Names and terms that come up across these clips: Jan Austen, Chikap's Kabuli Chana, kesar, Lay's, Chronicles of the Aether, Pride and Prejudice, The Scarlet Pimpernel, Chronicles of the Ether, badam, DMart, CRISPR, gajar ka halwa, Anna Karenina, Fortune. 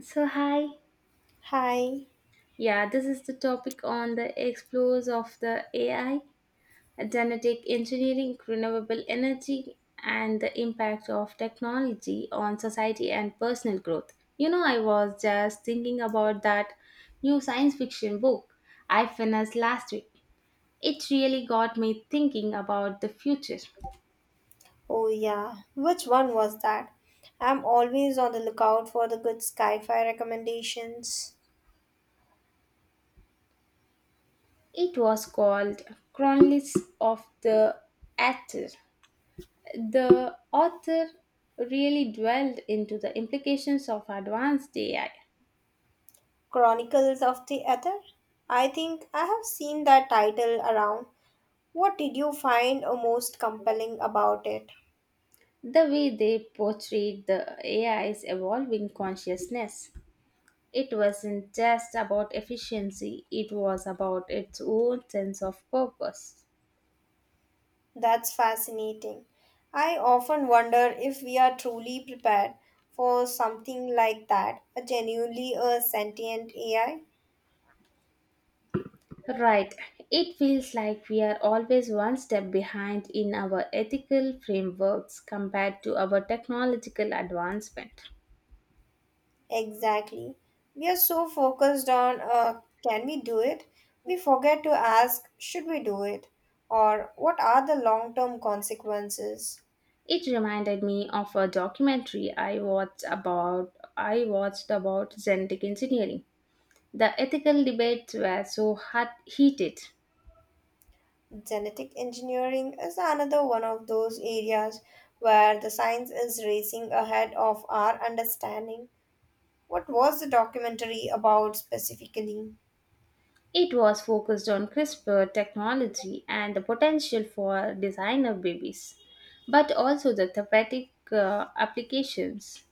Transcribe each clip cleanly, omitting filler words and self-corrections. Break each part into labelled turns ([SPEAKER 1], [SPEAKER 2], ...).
[SPEAKER 1] So, hi.
[SPEAKER 2] Hi.
[SPEAKER 1] Yeah, this is the topic on the explores of the AI, genetic engineering, renewable energy, and the impact of technology on society and personal growth. You know, I was just thinking about that new science fiction book I finished last week. It really got me thinking about the future.
[SPEAKER 2] Oh, yeah. Which one was that? I'm always on the lookout for the good sci-fi recommendations.
[SPEAKER 1] It was called Chronicles of the Aether. The author really dwelled into the implications of advanced AI,
[SPEAKER 2] Chronicles of the Ether? I think I have seen that title around. What did you find most compelling about it?
[SPEAKER 1] the way they portrayed the AI's evolving consciousness. It wasn't just about efficiency, it was about its own sense of purpose.
[SPEAKER 2] That's fascinating. I often wonder if we are truly prepared for something like that, a genuinely a sentient AI.
[SPEAKER 1] Right, it feels like we are always one step behind in our ethical frameworks compared to our technological advancement.
[SPEAKER 2] Exactly. We are so focused on can we do it? We forget to ask should we do it? Or what are the long term consequences?
[SPEAKER 1] It reminded me of a documentary I watched about genetic engineering. The ethical debates were so hot heated.
[SPEAKER 2] Genetic engineering is another one of those areas where the science is racing ahead of our understanding. What was the documentary about specifically?
[SPEAKER 1] It was focused on CRISPR technology and the potential for designer babies, but also the therapeutic applications.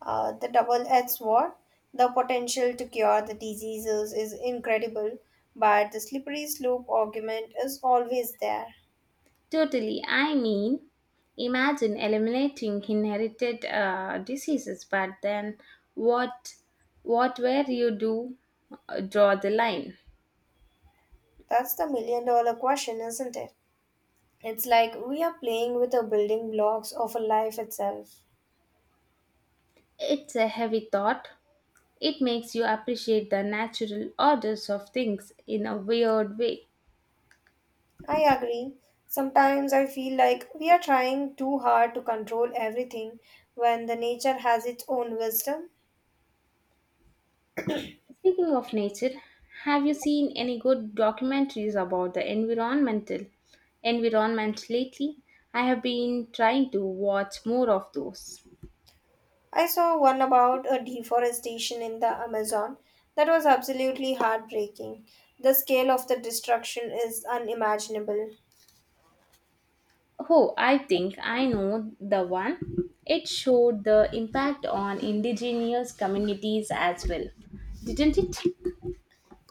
[SPEAKER 2] The double-edged sword, the potential to cure the diseases is incredible, but the slippery slope argument is always there.
[SPEAKER 1] Totally, I mean, imagine eliminating inherited diseases, but then what? Where you do draw the line?
[SPEAKER 2] That's the million-dollar question, isn't it? It's like we are playing with the building blocks of a life itself.
[SPEAKER 1] It's a heavy thought. It makes you appreciate the natural orders of things in a weird way.
[SPEAKER 2] I agree. Sometimes I feel like we are trying too hard to control everything when the nature has its own wisdom.
[SPEAKER 1] Speaking of nature, have you seen any good documentaries about the environment lately? I have been trying to watch more of those.
[SPEAKER 2] I saw one about a deforestation in the Amazon that was absolutely heartbreaking. The scale of the destruction is unimaginable.
[SPEAKER 1] Oh, I think I know the one. It showed the impact on indigenous communities as well, didn't it?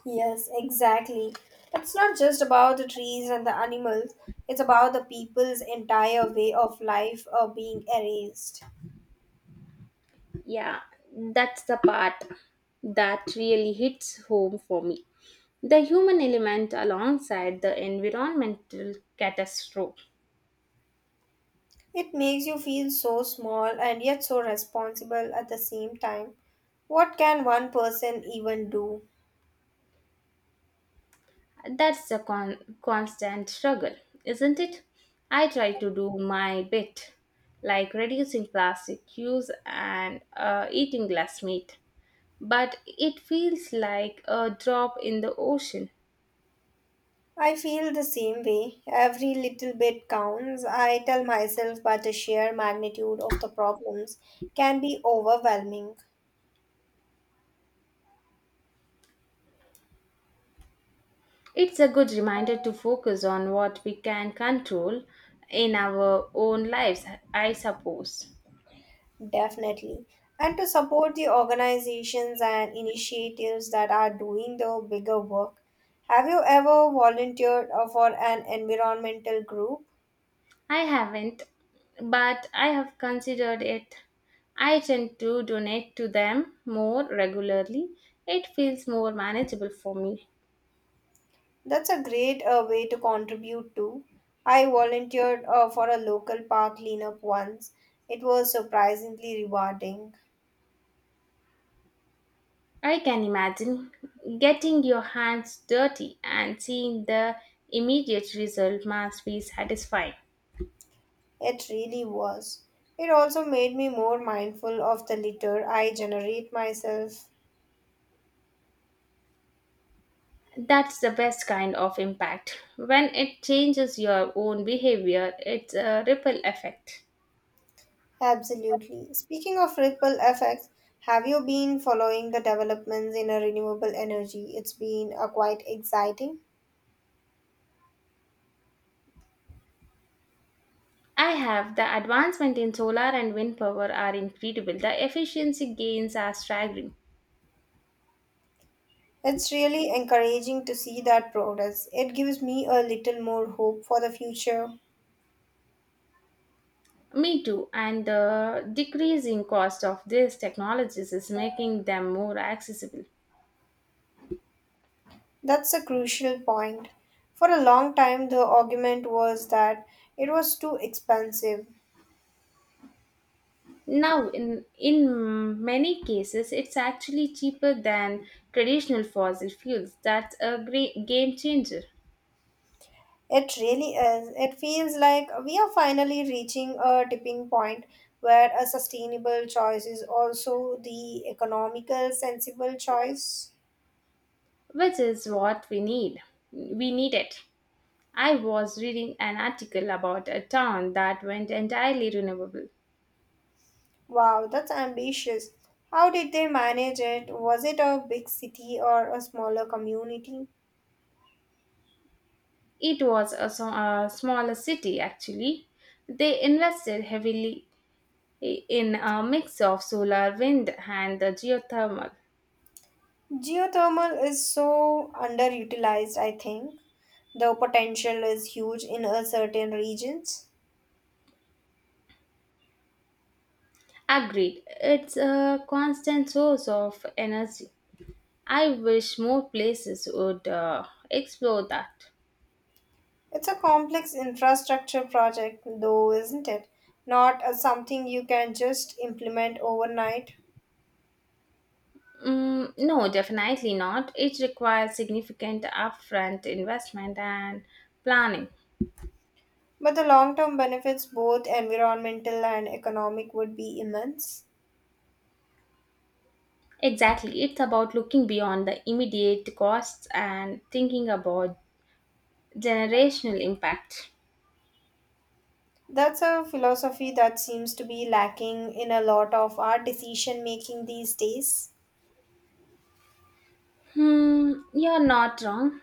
[SPEAKER 2] Yes, exactly. It's not just about the trees and the animals, it's about the people's entire way of life are being erased.
[SPEAKER 1] Yeah, that's the part that really hits home for me. The human element alongside the environmental catastrophe.
[SPEAKER 2] It makes you feel so small and yet so responsible at the same time. What can one person even do?
[SPEAKER 1] That's the constant struggle, isn't it? I try to do my bit, like reducing plastic use and eating less meat. But it feels like a drop in the ocean.
[SPEAKER 2] I feel the same way. Every little bit counts, I tell myself, but the sheer magnitude of the problems can be overwhelming,
[SPEAKER 1] It's a good reminder to focus on what we can control in our own lives, I suppose.
[SPEAKER 2] definitely. And to support the organizations and initiatives that are doing the bigger work, have you ever volunteered for an environmental group?
[SPEAKER 1] I haven't, but I have considered it. I tend to donate to them more regularly. It feels more manageable for me.
[SPEAKER 2] That's a great way to contribute to. I volunteered for a local park cleanup once. It was surprisingly rewarding.
[SPEAKER 1] I can imagine getting your hands dirty and seeing the immediate result must be satisfying.
[SPEAKER 2] It really was. It also made me more mindful of the litter I generate myself.
[SPEAKER 1] That's the best kind of impact. When it changes your own behavior, it's a ripple effect.
[SPEAKER 2] Absolutely. Speaking of ripple effects, have you been following the developments in a renewable energy? It's been quite exciting.
[SPEAKER 1] I have the advancement in solar and wind power are incredible. The efficiency gains are staggering.
[SPEAKER 2] It's really encouraging to see that progress. It gives me a little more hope for the future.
[SPEAKER 1] Me too, and the decreasing cost of these technologies is making them more accessible.
[SPEAKER 2] That's a crucial point. For a long time, the argument was that it was too expensive.
[SPEAKER 1] Now, in many cases, it's actually cheaper than traditional fossil fuels. That's a great game changer.
[SPEAKER 2] It really is. It feels like we are finally reaching a tipping point where a sustainable choice is also the economical, sensible choice.
[SPEAKER 1] Which is what we need. We need it. I was reading an article about a town that went entirely renewable.
[SPEAKER 2] Wow, that's ambitious. How did they manage it? Was it a big city or a smaller community?
[SPEAKER 1] It was a smaller city actually. They invested heavily in a mix of solar, wind, and the geothermal.
[SPEAKER 2] Geothermal is so underutilized, I think. The potential is huge in a certain regions.
[SPEAKER 1] Agreed, it's a constant source of energy. I wish more places would explore that.
[SPEAKER 2] It's a complex infrastructure project, though, isn't it? Not a something you can just implement overnight.
[SPEAKER 1] Mm, no, definitely not. It requires significant upfront investment and planning.
[SPEAKER 2] But the long term benefits, both environmental and economic, would be immense.
[SPEAKER 1] Exactly. It's about looking beyond the immediate costs and thinking about generational impact.
[SPEAKER 2] That's a philosophy that seems to be lacking in a lot of our decision making these days.
[SPEAKER 1] Hmm, you're not wrong.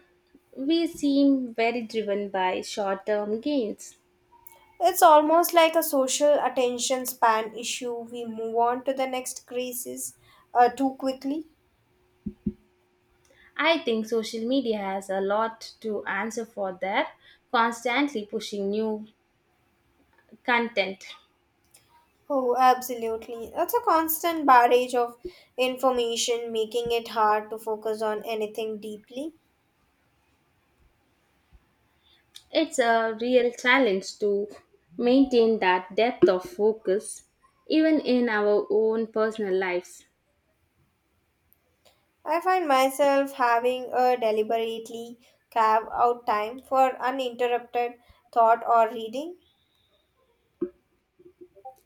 [SPEAKER 1] We seem very driven by short term gains.
[SPEAKER 2] It's almost like a social attention span issue. We move on to the next crisis too quickly.
[SPEAKER 1] I think social media has a lot to answer for there, constantly pushing new content.
[SPEAKER 2] Oh, absolutely. It's a constant barrage of information, making it hard to focus on anything deeply.
[SPEAKER 1] It's a real challenge to maintain that depth of focus, even in our own personal lives.
[SPEAKER 2] I find myself having a deliberately carve out time for uninterrupted thought or reading.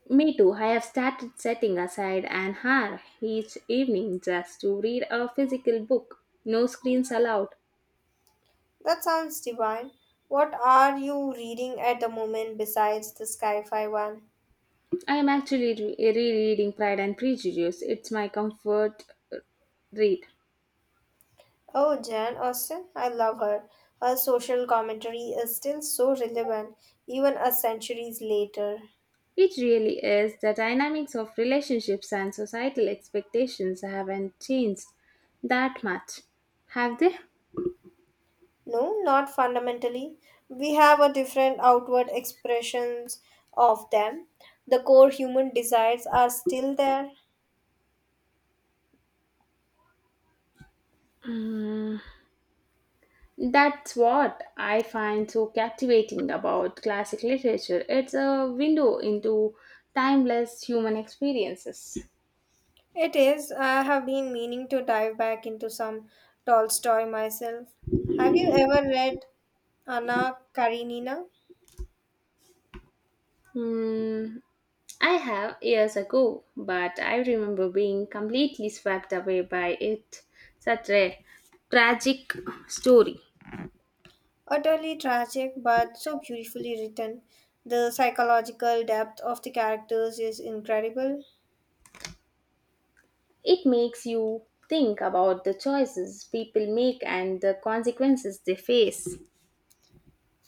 [SPEAKER 1] Me too, I have started setting aside an hour each evening just to read a physical book. No screens allowed.
[SPEAKER 2] That sounds divine. What are you reading at the moment besides the sci-fi one?
[SPEAKER 1] I am actually rereading Pride and Prejudice. It's my comfort uh, read.
[SPEAKER 2] Oh, Jan Austen, I love her. Her social commentary is still so relevant, even a centuries later.
[SPEAKER 1] It really is. The dynamics of relationships and societal expectations haven't changed that much, have they?
[SPEAKER 2] No, not fundamentally. We have a different outward expressions of them. The core human desires are still there.
[SPEAKER 1] Mm, that's what I find so captivating about classic literature. It's a window into timeless human experiences.
[SPEAKER 2] It is. I have been meaning to dive back into some Tolstoy myself. Have you ever read Anna Karenina?
[SPEAKER 1] Mm, I have years ago, but I remember being completely swept away by it. Such a tragic story.
[SPEAKER 2] Utterly tragic, but so beautifully written. The psychological depth of the characters is incredible.
[SPEAKER 1] It makes you think about the choices people make and the consequences they face.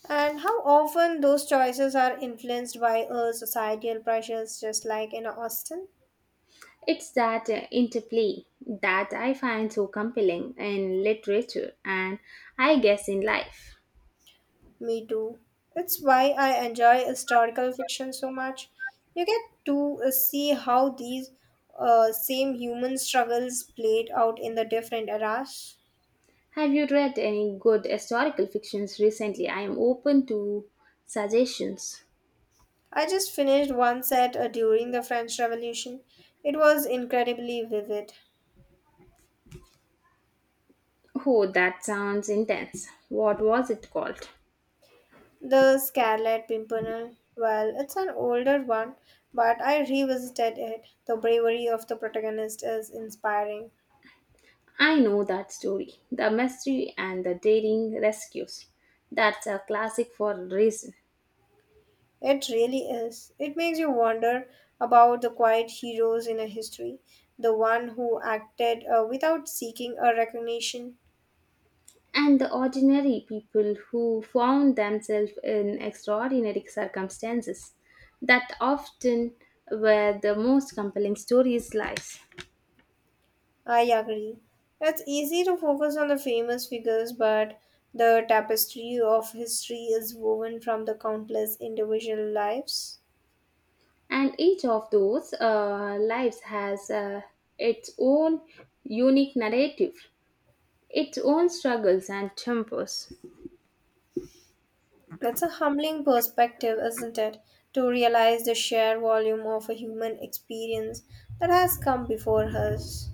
[SPEAKER 2] And how often those choices are influenced by societal pressures, just like in Austin.
[SPEAKER 1] It's that interplay that I find so compelling in literature and I guess in life.
[SPEAKER 2] Me too. It's why I enjoy historical fiction so much. You get to see how these same human struggles played out in the different eras.
[SPEAKER 1] Have you read any good historical fictions recently? I am open to suggestions.
[SPEAKER 2] I just finished one set during the French Revolution. It was incredibly vivid.
[SPEAKER 1] Oh, that sounds intense. What was it called?
[SPEAKER 2] The Scarlet Pimpernel, well, it's an older one, but I revisited it. The bravery of the protagonist is inspiring.
[SPEAKER 1] I know that story. The mystery and the daring rescues. That's a classic for a reason.
[SPEAKER 2] It really is. It makes you wonder about the quiet heroes in a history, the one who acted without seeking a recognition.
[SPEAKER 1] And the ordinary people who found themselves in extraordinary circumstances that often were the most compelling stories lives.
[SPEAKER 2] I agree. It's easy to focus on the famous figures, but the tapestry of history is woven from the countless individual lives.
[SPEAKER 1] And each of those lives has its own unique narrative, its own struggles and tempos.
[SPEAKER 2] That's a humbling perspective, isn't it? To realize the sheer volume of a human experience that has come before us.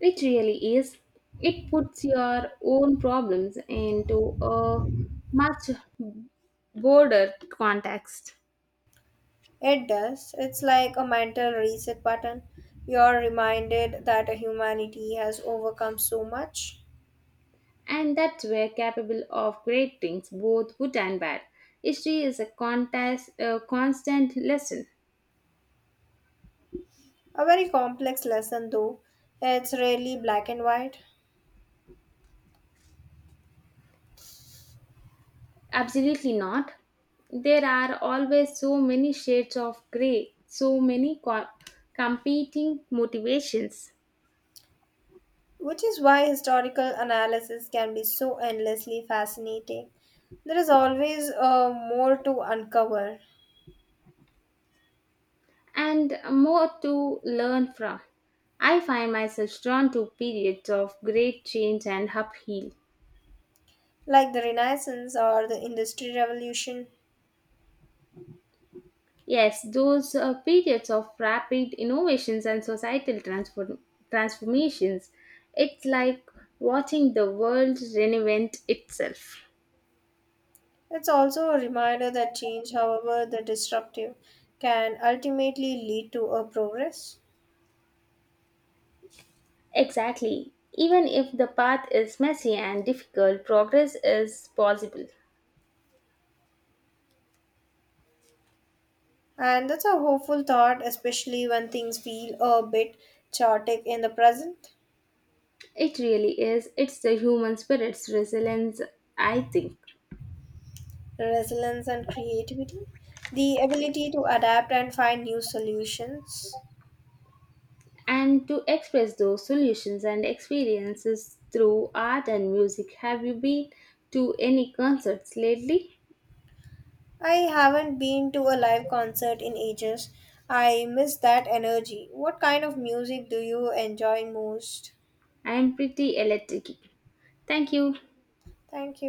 [SPEAKER 1] It really is. It puts your own problems into a much broader context.
[SPEAKER 2] It does. It's like a mental reset button. You're reminded that humanity has overcome so much.
[SPEAKER 1] And that were capable of great things, both good and bad. History is contest, a constant lesson.
[SPEAKER 2] A very complex lesson, though. It's rarely black and white,
[SPEAKER 1] Absolutely not. There are always so many shades of grey, so many competing motivations,
[SPEAKER 2] which is why historical analysis can be so endlessly fascinating. There is always more to uncover.
[SPEAKER 1] and more to learn from. I find myself drawn to periods of great change and upheaval.
[SPEAKER 2] Like the Renaissance or the Industrial Revolution.
[SPEAKER 1] Yes, those periods of rapid innovations and societal transformations. It's like watching the world reinvent itself.
[SPEAKER 2] It's also a reminder that change, however the disruptive, can ultimately lead to a progress.
[SPEAKER 1] Exactly. Even if the path is messy and difficult, progress is possible.
[SPEAKER 2] And that's a hopeful thought, especially when things feel a bit chaotic in the present.
[SPEAKER 1] It really is. It's the human spirit's resilience, I think.
[SPEAKER 2] Resilience and creativity, the ability to adapt and find new solutions.
[SPEAKER 1] And to express those solutions and experiences through art and music, have you been to any concerts lately?
[SPEAKER 2] I haven't been to a live concert in ages. I miss that energy. What kind of music do you enjoy most?
[SPEAKER 1] And pretty electric. Thank you.
[SPEAKER 2] Thank you.